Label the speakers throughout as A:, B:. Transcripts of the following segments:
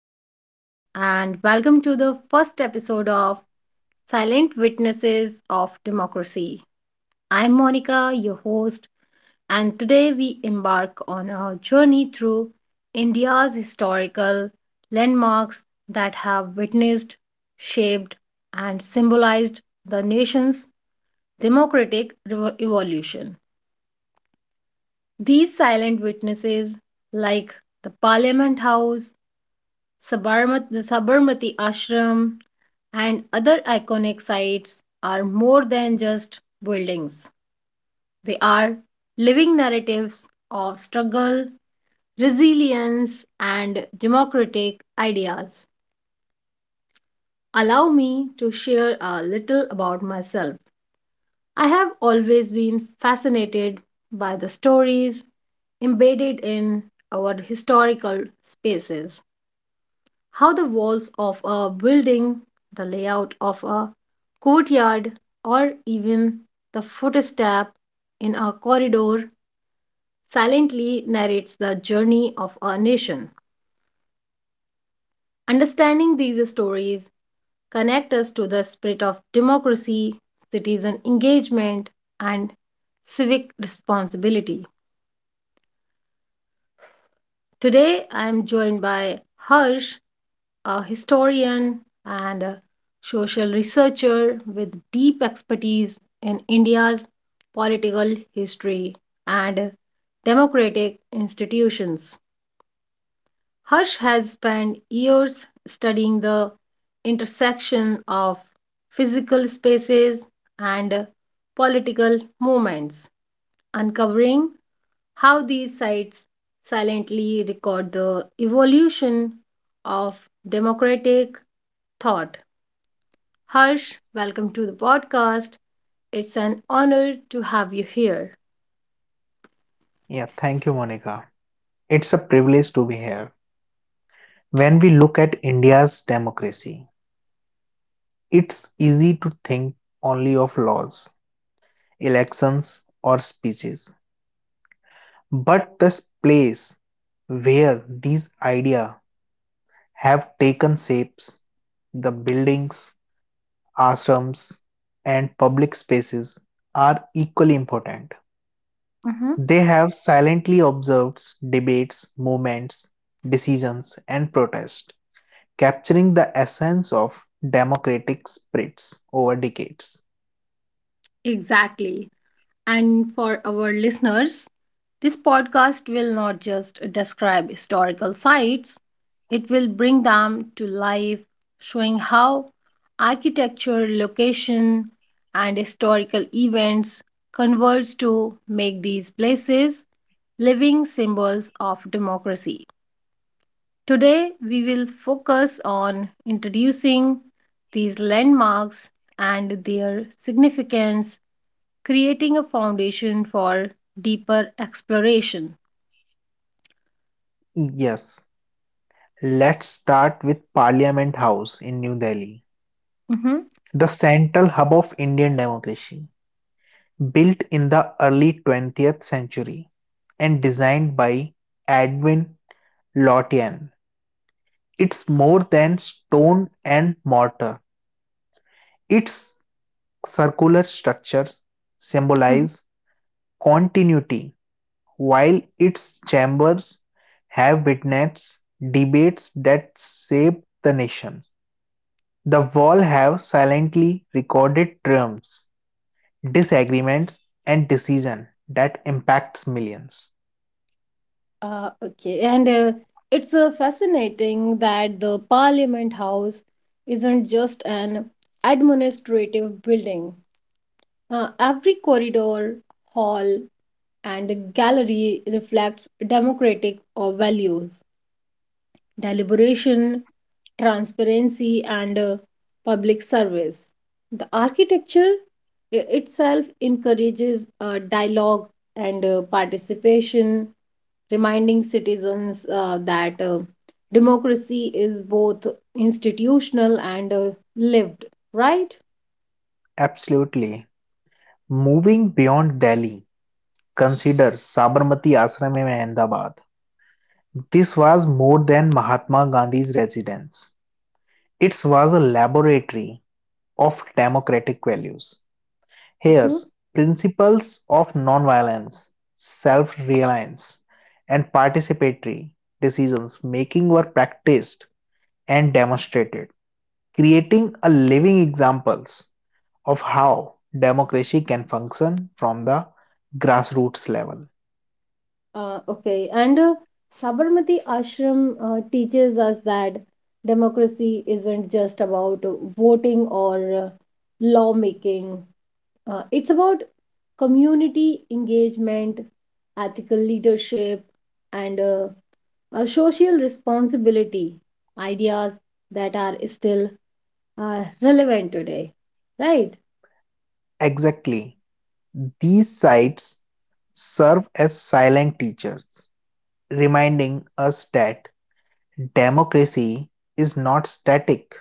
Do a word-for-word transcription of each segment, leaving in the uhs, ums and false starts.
A: listeners, and welcome to the first episode of Silent Witnesses of Democracy. I'm Monica, your host, and today we embark on a journey through India's historical landmarks that have witnessed, shaped, and symbolized the nation's democratic revo- evolution. These silent witnesses, like the Parliament House, Sabarmat- the Sabarmati Ashram, and other iconic sites are more than just buildings. They are living narratives of struggle, resilience, and democratic ideas. Allow me to share a little about myself. I have always been fascinated by the stories embedded in our historical spaces. How the walls of a building, the layout of a courtyard, or even the footstep in a corridor silently narrates the journey of a nation. Understanding these stories connect us to the spirit of democracy, citizen engagement, and civic responsibility. Today, I am joined by Harsh, a historian and a social researcher with deep expertise in India's political history and democratic institutions. Harsh has spent years studying the intersection of physical spaces and political movements, uncovering how these sites silently record the evolution of democratic thought. Harsh, welcome to the podcast. It's an honor to have you here.
B: Yeah, thank you, Monica. It's a privilege to be here. When we look at India's democracy, it's easy to think only of laws, elections, or speeches. But the place where these ideas have taken shapes, the buildings, ashrams, and public spaces are equally important.
A: Mm-hmm.
B: They have silently observed debates, movements, decisions, and protests capturing the essence of democratic spirits over decades.
A: Exactly. And for our listeners, this podcast will not just describe historical sites, it will bring them to life, showing how architecture, location, and historical events converge to make these places living symbols of democracy. Today, we will focus on introducing these landmarks and their significance, creating a foundation for deeper exploration.
B: Yes, let's start with Parliament House in New Delhi,
A: Mhm.
B: the central hub of Indian democracy, built in the early twentieth century and designed by Edwin Lotian. It's more than stone and mortar. Its circular structures
A: Mhm.
B: symbolize continuity while its chambers have witnessed debates that shaped the nations, the walls have silently recorded triumphs, disagreements, and decisions that impacts millions.
A: Uh, okay, and uh, it's uh, fascinating that the Parliament House isn't just an administrative building. Uh, every corridor, hall, and gallery reflects democratic uh, values. Deliberation, transparency, and uh, public service. The architecture i- itself encourages uh, dialogue and uh, participation, reminding citizens uh, that uh, democracy is both institutional and uh, lived, right?
B: Absolutely. Moving beyond Delhi, consider Sabarmati Ashram in Ahmedabad. This was more than Mahatma Gandhi's residence. It was a laboratory of democratic values.
A: Mhm.
B: Here's principles of nonviolence, self-reliance, and participatory decisions making were practiced and demonstrated, creating a living examples of how democracy can function from the grassroots level.
A: Uh, okay, and uh, Sabarmati Ashram uh, teaches us that democracy isn't just about uh, voting or uh, lawmaking. Uh, it's about community engagement, ethical leadership, and uh, uh, social responsibility, ideas that are still uh, relevant today, right?
B: Exactly, these sites serve as silent teachers, reminding us that democracy is not static,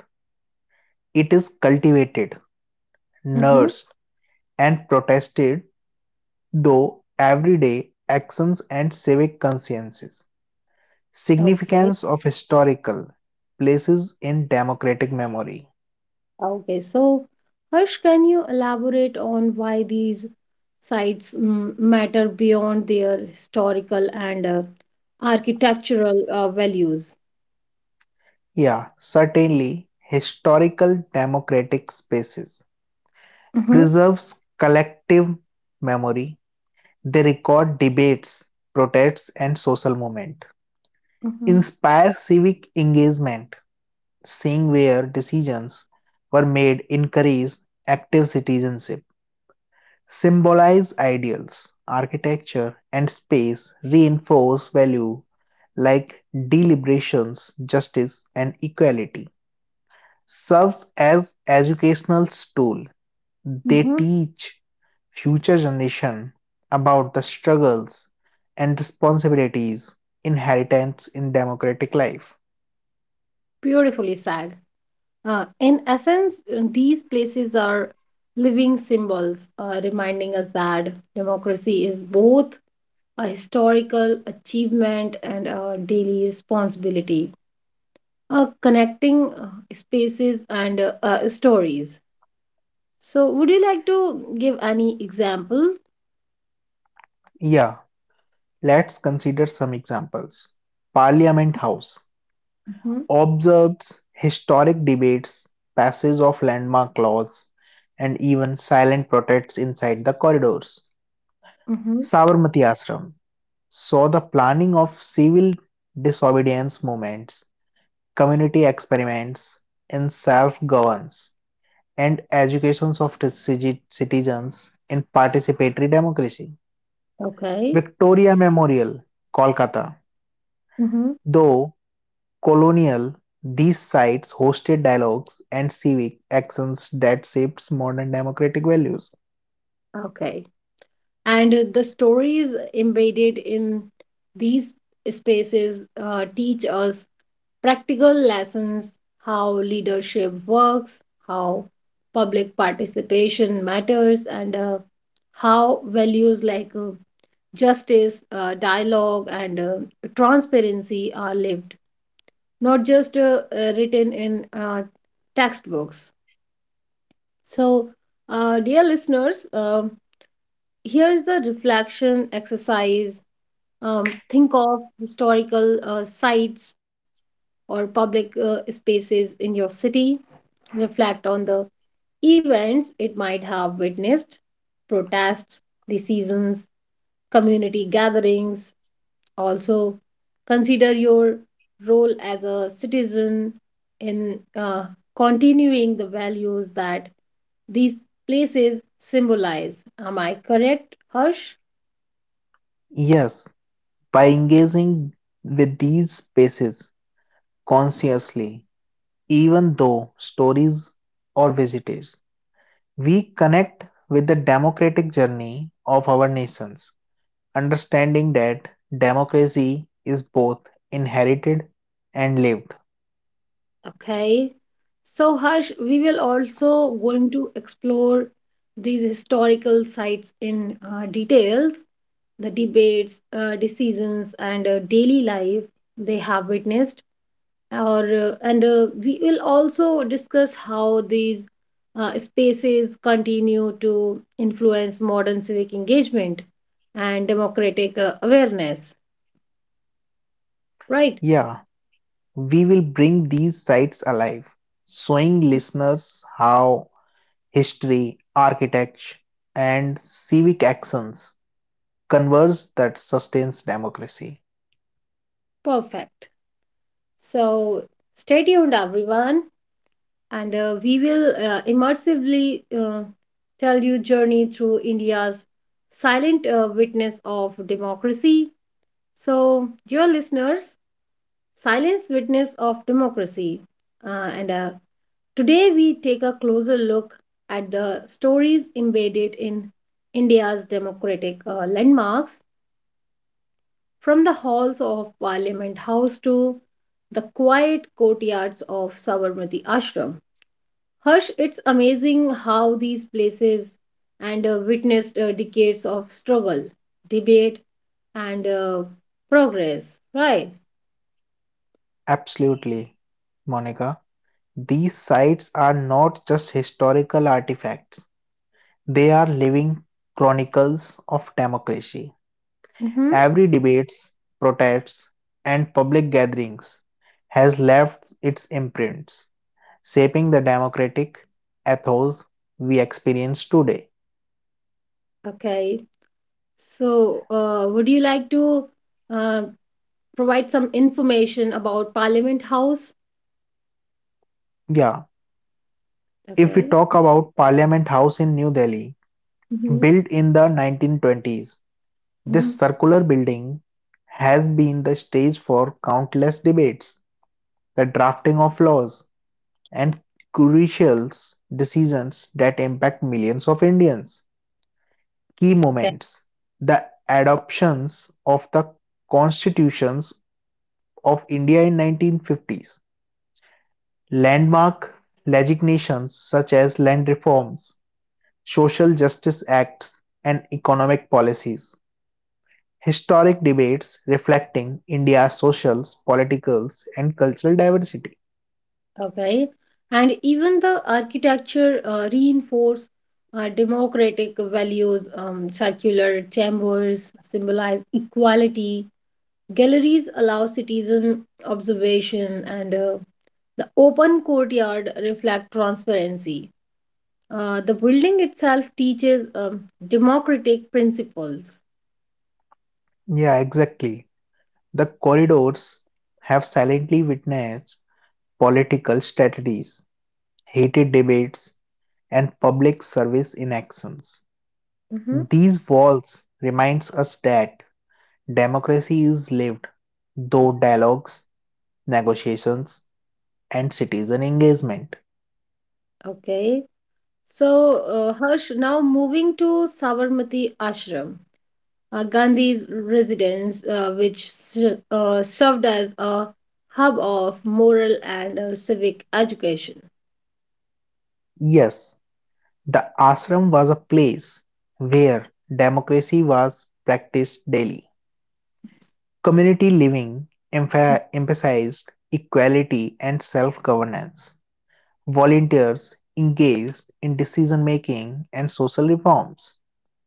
B: it is cultivated,
A: Mm-hmm.
B: nursed, and protested, though everyday, actions and civic consciences.
A: Okay.
B: Significance of historical places in democratic memory.
A: Okay, so Harsh, can you elaborate on why these sites mm, matter beyond their historical and uh, architectural uh, values?
B: Yeah, certainly, historical democratic spaces
A: Mm-hmm.
B: preserves collective memory. They record debates, protests, and social movement.
A: Mm-hmm.
B: Inspire civic engagement, seeing where decisions were made encourage active citizenship. Symbolize ideals, architecture, and space reinforce value like deliberations, justice, and equality. Serves as educational tool. They
A: Mm-hmm.
B: teach future generation about the struggles and responsibilities inheritance in democratic life.
A: Beautifully said. Uh, in essence, uh, these places are living symbols, uh, reminding us that democracy is both a historical achievement and a daily responsibility, uh, connecting uh, spaces and uh, uh, stories. So, would you like to give any example?
B: Yeah, let's consider some examples. Parliament House
A: Mm-hmm.
B: observes historic debates, passage of landmark laws, and even silent protests inside the corridors.
A: Mm-hmm.
B: Sabarmati Ashram saw the planning of civil disobedience movements, community experiments in self governance, and educations of citi- citizens in participatory democracy.
A: Okay.
B: Victoria Memorial, Kolkata,
A: Mm-hmm.
B: though colonial, these sites hosted dialogues and civic actions that shaped modern democratic values.
A: Okay. And uh, the stories embedded in these spaces uh, teach us practical lessons how leadership works, how public participation matters, and uh, how values like uh, justice, uh, dialogue, and uh, transparency are lived not just uh, uh, written in uh, textbooks. So, uh, dear listeners, um here's the reflection exercise. Um, think of historical uh, sites or public uh, spaces in your city. Reflect on the events it might have witnessed protests, decisions, community gatherings, also consider your role as a citizen in uh, continuing the values that these places symbolize. Am I correct, Harsh?
B: Yes, by engaging with these spaces consciously, even though stories or visitors, we connect with the democratic journey of our nations, understanding that democracy is both inherited and lived.
A: Okay. So, Harsh, we will also going to explore these historical sites in uh, details, the debates, uh, decisions, and uh, daily life they have witnessed. Or uh, and uh, we will also discuss how these uh, spaces continue to influence modern civic engagement and democratic uh, awareness. Right?
B: Yeah. We will bring these sites alive, showing listeners how history, architecture, and civic actions converge that sustains democracy.
A: Perfect. So stay tuned, everyone, and uh, we will uh, immersively uh, tell you journey through India's silent uh, witness of democracy. So, dear listeners, silence witness of democracy, uh, and uh, today, we take a closer look at the stories embedded in India's democratic uh, landmarks, from the halls of Parliament House to the quiet courtyards of Sabarmati Ashram. Harsh, it's amazing how these places and uh, witnessed uh, decades of struggle, debate, and uh, progress, right?
B: Absolutely, Monica. These sites are not just historical artifacts, they are living chronicles of democracy.
A: Mm-hmm.
B: Every debates, protests, and public gatherings has left its imprints shaping the democratic ethos we experience today.
A: Okay. So, uh, would you like to? uh, Provide some information about Parliament House.
B: Yeah, if we
A: Okay.
B: talk about Parliament House in New Delhi,
A: Hmm.
B: built in the nineteen twenties, this
A: Hmm.
B: circular building has been the stage for countless debates, the drafting of laws, and crucial decisions that impact millions of Indians. Key
A: Okay,
B: moments the adoptions of the constitutions of India in nineteen fifties Landmark legislations such as land reforms, social justice acts and economic policies; historic debates reflecting India's social, political and cultural diversity.
A: okay. And even the architecture uh, reinforce uh, democratic values, um, circular chambers symbolize equality. Galleries allow citizen observation, and uh, the open courtyard reflect transparency. Uh, the building itself teaches um, democratic principles.
B: Yeah, exactly. The corridors have silently witnessed political strategies, heated debates, and public service inactions.
A: Hmm.
B: These walls reminds us that democracy is lived though dialogues negotiations, and citizen engagement.
A: Okay. So, uh, Harsh, now moving to Sabarmati Ashram, uh, Gandhi's residence, uh, which s- uh, served as a hub of moral and uh, civic education.
B: Yes, the ashram was a place where democracy was practiced daily. Community living empha- emphasized equality and self governance. Volunteers engaged in decision making and social reforms.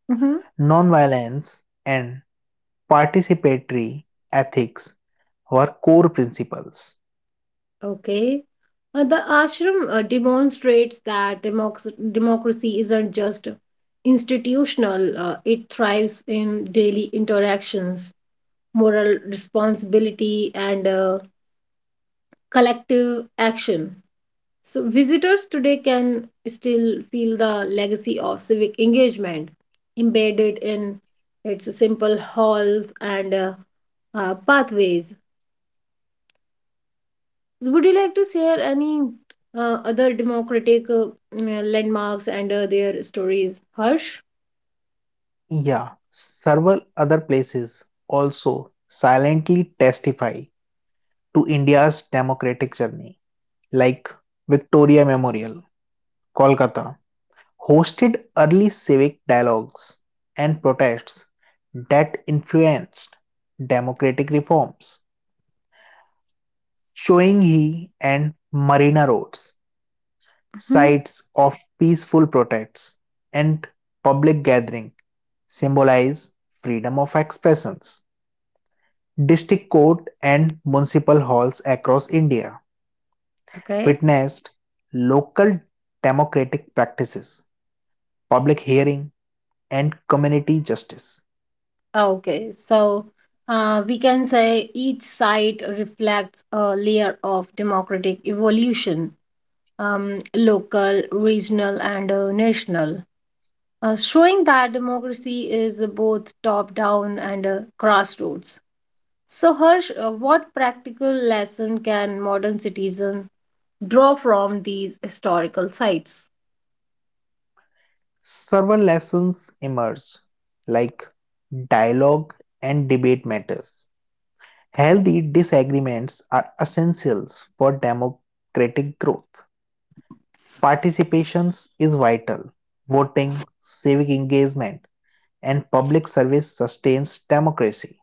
A: Hmm.
B: Nonviolence and participatory ethics were core principles.
A: Okay. Uh, the ashram uh, demonstrates that democ- democracy isn't just institutional, uh, it thrives in daily interactions, moral responsibility, and uh, collective action. So, visitors today can still feel the legacy of civic engagement embedded in its simple halls and uh, uh, pathways. Would you like to share any uh, other democratic uh, mm, uh, landmarks and uh, their stories, Harsh?
B: Yeah, several other places also silently testify to India's democratic journey, like Victoria Memorial, Kolkata, hosted early civic dialogues and protests that influenced democratic reforms. Shoinghi and Marina Roads,
A: Hmm.
B: sites of peaceful protests and public gathering, symbolize freedom of expression. District court and municipal halls across India
A: Okay.
B: witnessed local democratic practices, public hearing, and community justice.
A: Okay, so uh, we can say each site reflects a layer of democratic evolution, um, local, regional, and uh, national. Uh, showing that democracy is both top down and uh, grassroots. So, Harsh, uh, what practical lesson can modern citizens draw from these historical sites?
B: Several lessons emerged, like dialogue and debate matters. Healthy disagreements are essentials for democratic growth. Participations is vital. Voting, civic engagement, and public service sustains democracy.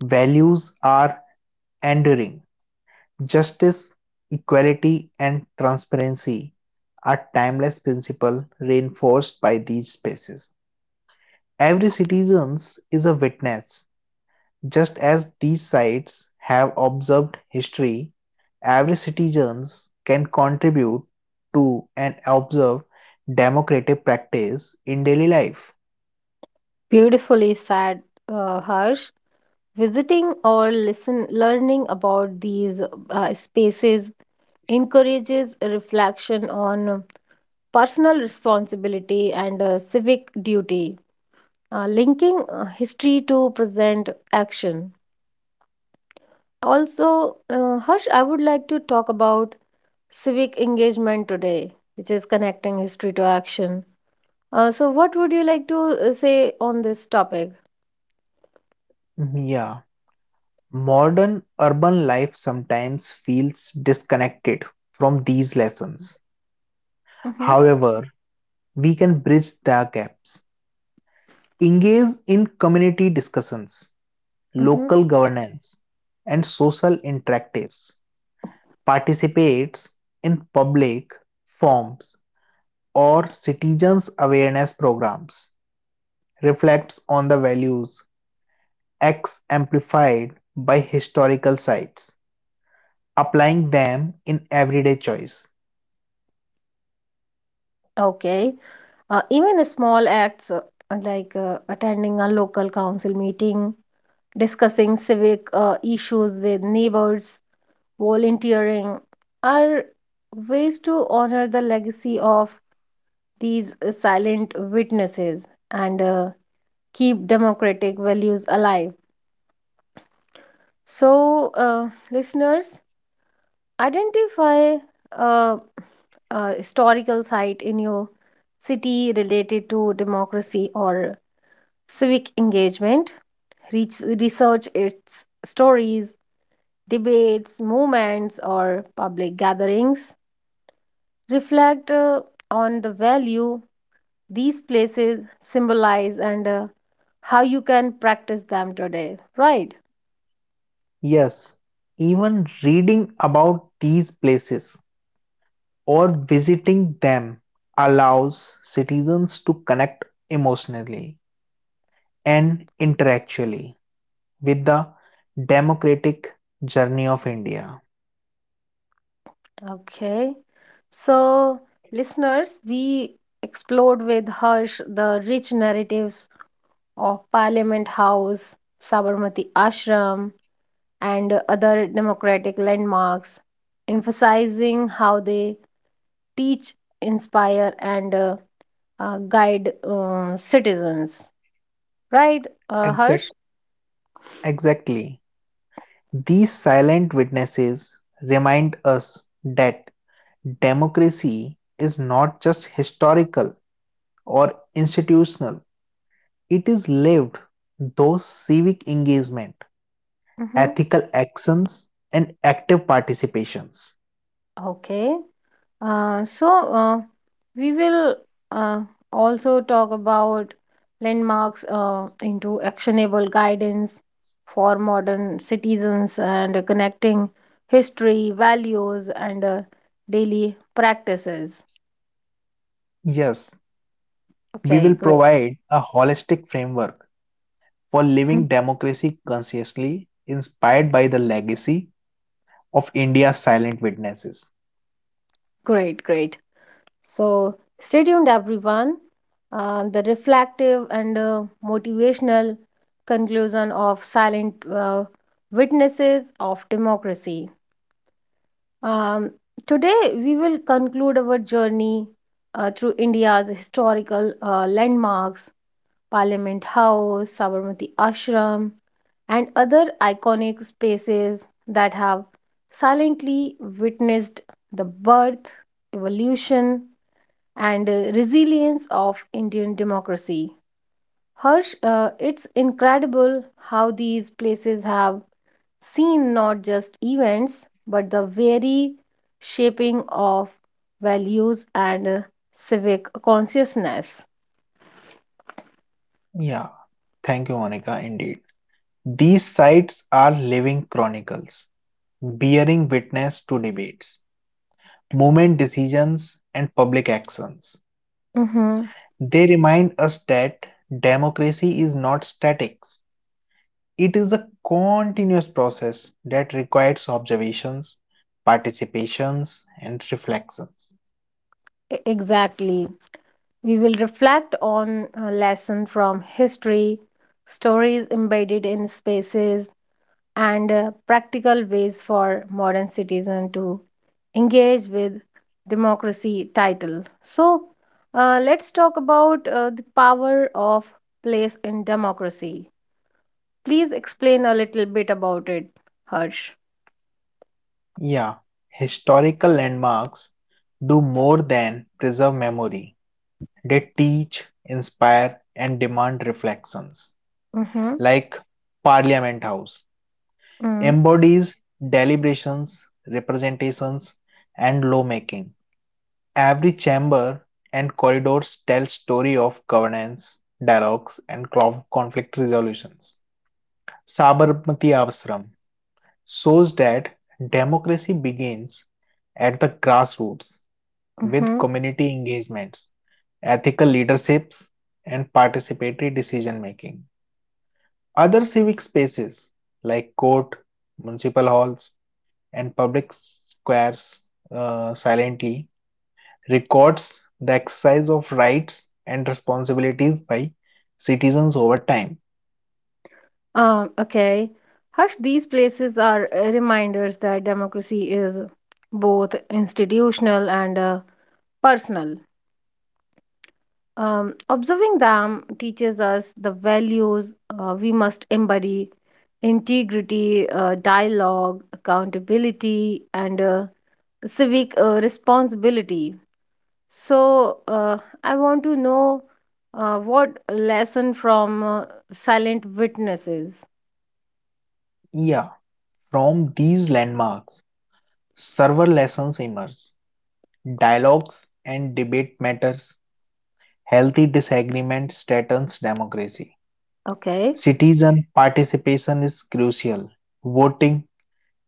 B: Values are enduring. Justice, equality, and transparency are timeless principles reinforced by these spaces. Every citizen is a witness, just as these sites have observed history. Every citizen can contribute to and observe democratic practice in daily life.
A: Beautifully said, uh, Harsh. Visiting or listen, learning about these uh, spaces encourages a reflection on personal responsibility and uh, civic duty, uh, linking uh, history to present action. Also, uh, Harsh, I would like to talk about civic engagement today, which is connecting history to action. Uh, so, what would you like to uh, say on this topic?
B: Yeah, modern urban life sometimes feels disconnected from these lessons.
A: Mm-hmm,
B: However, we can bridge the gaps. Engage in community discussions,
A: mm-hmm.
B: local governance, and social interactives. Participates in public forums or citizens awareness programs. Reflects on the values X amplified by historical sites, applying them in everyday choice.
A: Okay. Uh, even small acts uh, like uh, attending a local council meeting, discussing civic uh, issues with neighbors, volunteering are ways to honor the legacy of these uh, silent witnesses. And uh, keep democratic values alive. So, uh, listeners, identify uh, a historical site in your city related to democracy or civic engagement. Reach, research its stories, debates, movements, or public gatherings. Reflect uh, on the value these places symbolize and uh, how you can practice them today, right?
B: Yes, even reading about these places or visiting them allows citizens to connect emotionally and intellectually with the democratic journey of India.
A: Okay. So, listeners, we explored with Harsh the rich narratives of Parliament House, Sabarmati Ashram, and other democratic landmarks, emphasizing how they teach, inspire, and uh, uh, guide uh, citizens. Right, uh, Harsh?
B: Exact, exactly. These silent witnesses remind us that democracy is not just historical or institutional, it is lived through civic engagement,
A: Mm-hmm.
B: ethical actions, and active participations.
A: Okay. Uh, so, uh, we will uh, also talk about landmarks uh, into actionable guidance for modern citizens and connecting history, values, and uh, daily practices.
B: Yes, we
A: Okay,
B: will
A: great.
B: provide a holistic framework for living
A: Mm,
B: democracy consciously, inspired by the legacy of India's silent witnesses.
A: great, great. So, stay tuned, everyone. Uh, the reflective and uh, motivational conclusion of silent uh, witnesses of democracy. Um, today, we will conclude our journey uh, through India's historical uh, landmarks, Parliament House, Sabarmati Ashram, and other iconic spaces that have silently witnessed the birth, evolution, and uh, resilience of Indian democracy. Harsh, uh, it's incredible how these places have seen not just events but the very shaping of values and uh, civic consciousness.
B: Yeah, thank you, Monica, indeed. These sites are living chronicles, bearing witness to debates, movement decisions, and public actions.
A: Mhm.
B: They remind us that democracy is not static, It is a continuous process that requires observations, participations, and reflections.
A: E- Exactly. We will reflect on a lesson from history, stories embedded in spaces, and uh, practical ways for modern citizen to engage with democracy title. So, uh, let's talk about uh, the power of place in democracy. Please explain a little bit about it, Harsh.
B: Yeah, historical landmarks do more than preserve memory, they teach, inspire, and demand reflections.
A: Mm-hmm.
B: Like Parliament House
A: Mm,
B: embodies deliberations, representations, and lawmaking. Every chamber and corridors tell story of governance, dialogues, and clo- conflict resolutions. Sabarmati Ashram shows that democracy begins at the grassroots with
A: mm-hmm.
B: community engagements, ethical leaderships, and participatory decision making. Other civic spaces like court, municipal halls, and public squares uh, silently records the exercise of rights and responsibilities by citizens over time.
A: Um, okay. Harsh, these places are uh, reminders that democracy is both institutional and uh, personal. Um, observing them teaches us the values uh, we must embody integrity, uh, dialogue, accountability, and uh, civic uh, responsibility. So, uh, I want to know uh, what lesson from uh, silent witnesses.
B: Yeah, from these landmarks, several lessons emerge. Dialogues and debate matters, healthy disagreement strengthens democracy.
A: Okay.
B: Citizen participation is crucial. Voting,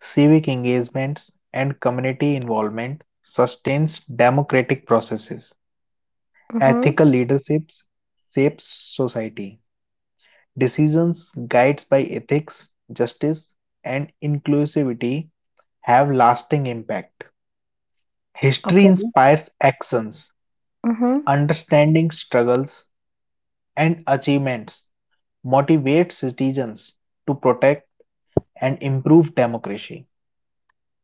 B: civic engagements, and community involvement sustains democratic processes.
A: Mm-hmm.
B: Ethical leaderships shapes society. Decisions guided by ethics, justice, and inclusivity have lasting impact. History
A: Okay.
B: inspires actions,
A: Mm-hmm.
B: understanding struggles and achievements, motivates citizens to protect and improve democracy.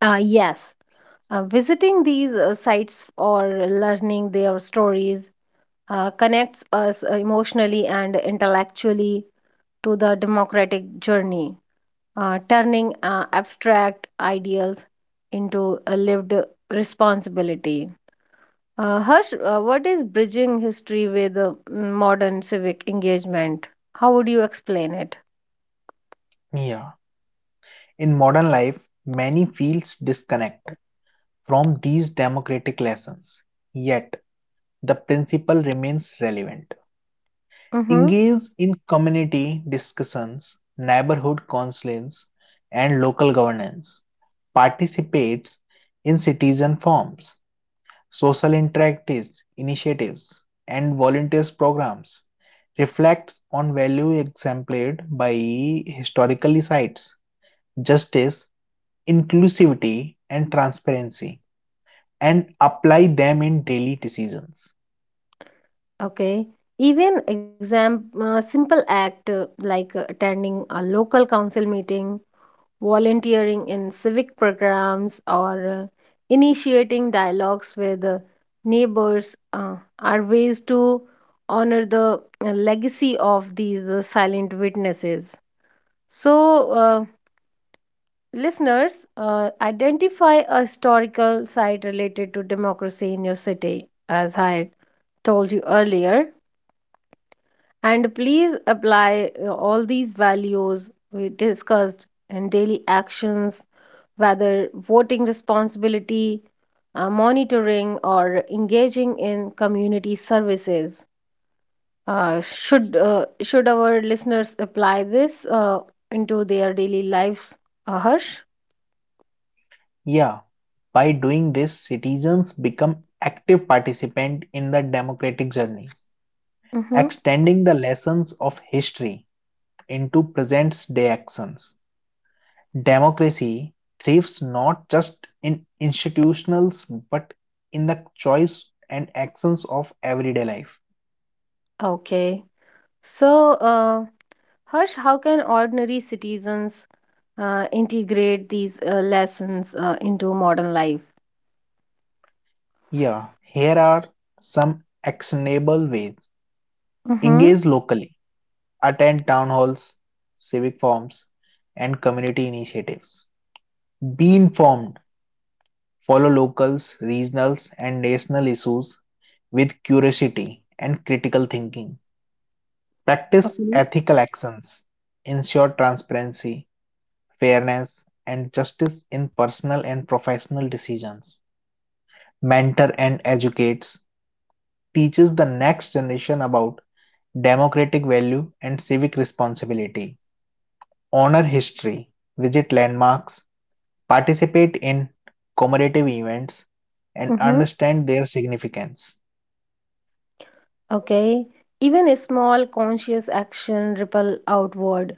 A: Uh, yes, uh, visiting these uh, sites or learning their stories uh, connects us uh, emotionally and intellectually to the democratic journey, uh, turning uh, abstract ideals into a lived responsibility. Uh, Harsh, uh, what is bridging history with uh, mm, modern civic engagement? How would you explain it?
B: Yeah. In modern life, many feels disconnect from these democratic lessons, yet the principle remains relevant.
A: Mm-hmm.
B: Engage in community discussions, neighborhood councils, and local governance. Participates in citizen forums, social interactive initiatives, and volunteers programs. Reflects on value exemplified by historical sites, justice, inclusivity, and transparency, and apply them in daily decisions.
A: Okay. Even exam uh, simple act uh, like uh, attending a local council meeting, volunteering in civic programs, or uh, initiating dialogues with uh, neighbors uh, are ways to honor the uh, legacy of these uh, silent witnesses. So, uh, listeners, uh, identify a historical site related to democracy in your city, as I had told you earlier, and please apply uh, all these values we discussed in daily actions, whether voting responsibility, uh, monitoring, or engaging in community services. Uh, should uh, should our listeners apply this uh, into their daily lives, uh, Harsh?
B: Yeah, by doing this, citizens become active participants in the democratic journey,
A: Mm-hmm.
B: extending the lessons of history into present day actions. Democracy thrives not just in institutions but in the choice and actions of everyday life.
A: Okay. So, uh, Harsh, how can ordinary citizens uh, integrate these uh, lessons uh, into modern life?
B: Yeah, here are some actionable ways.
A: Mm-hmm.
B: Engage locally, attend town halls, civic forums, and community initiatives. Be informed Follow locals, regionals, and national issues with curiosity and critical thinking. Practice
A: Okay.
B: ethical actions. Ensure transparency, fairness, and justice in personal and professional decisions. Mentor and educates. Teaches the next generation about democratic value and civic responsibility. Honor history. Visit landmarks. Participate in commemorative events and
A: Mm-hmm.
B: understand their significance.
A: Okay. Even a small conscious action ripple outward,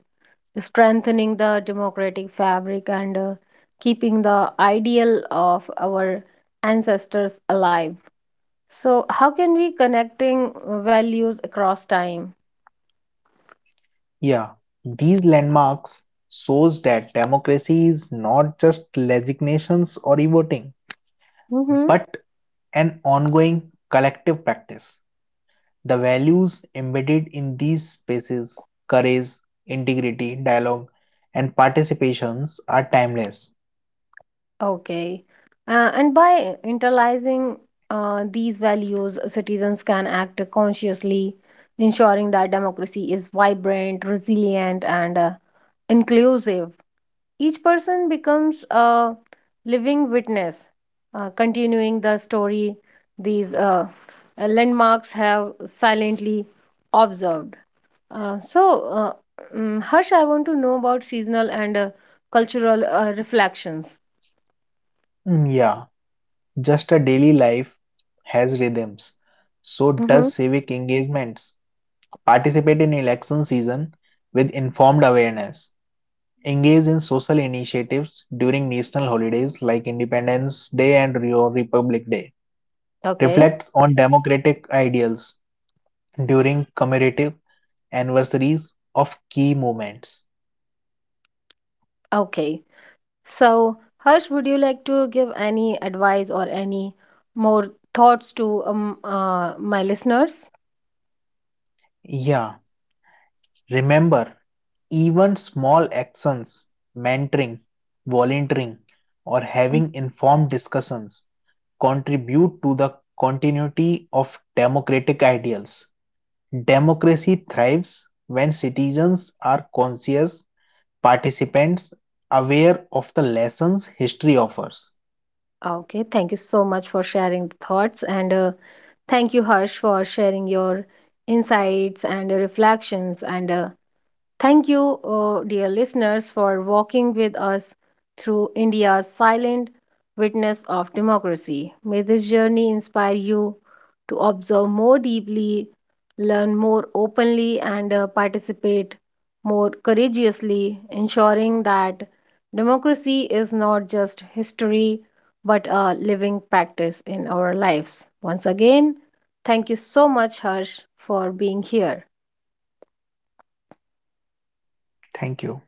A: strengthening the democratic fabric and uh, keeping the ideal of our ancestors alive. So, how can we connecting uh, values across time?
B: Yeah, these landmarks shows that democracy is not just legislations or e-voting, but an ongoing collective practice. The values embedded in these spaces, courage, integrity, dialogue, and participations are timeless.
A: Okay. Uh, and by internalizing uh, these values, citizens can act consciously, ensuring that democracy is vibrant, resilient, and uh, inclusive. Each person becomes a living witness, uh, continuing the story these uh, uh, landmarks have silently observed. Uh, so, uh, mm, Harsh, I want to know about seasonal and uh, cultural uh, reflections.
B: Mm, yeah, just a daily life has rhythms. So does
A: Hmm.
B: civic engagements. Participate in election season with informed awareness. Engage in social initiatives during national holidays like Independence Day and Rio Republic Day.
A: Okay.
B: Reflect on democratic ideals during commemorative anniversaries of key moments.
A: Okay. So, Harsh, would you like to give any advice or any more thoughts to um, uh, my listeners?
B: Yeah, remember, even small actions, mentoring, volunteering, or having informed discussions contribute to the continuity of democratic ideals. Democracy thrives when citizens are conscious participants aware of the lessons history offers.
A: Okay. Thank you so much for sharing the thoughts. And uh, thank you, Harsh, for sharing your insights and uh, reflections. And uh, thank you, uh, dear listeners, for walking with us through India's silent witness of democracy. May this journey inspire you to observe more deeply, learn more openly, and uh, participate more courageously, ensuring that democracy is not just history but a living practice in our lives. Once again, thank you so much, Harsh, for being here.
B: Thank you.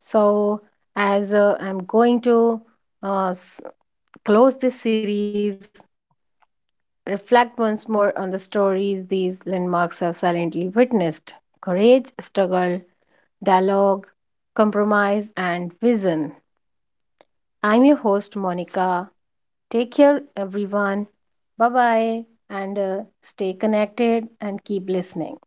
A: So, as uh, I'm going to uh, s- close this series, reflect once more on the stories these landmarks have silently witnessed courage, struggle, dialogue, compromise, and vision. I'm your host, Monica. Take care, everyone. Bye bye, and uh, stay connected and keep listening.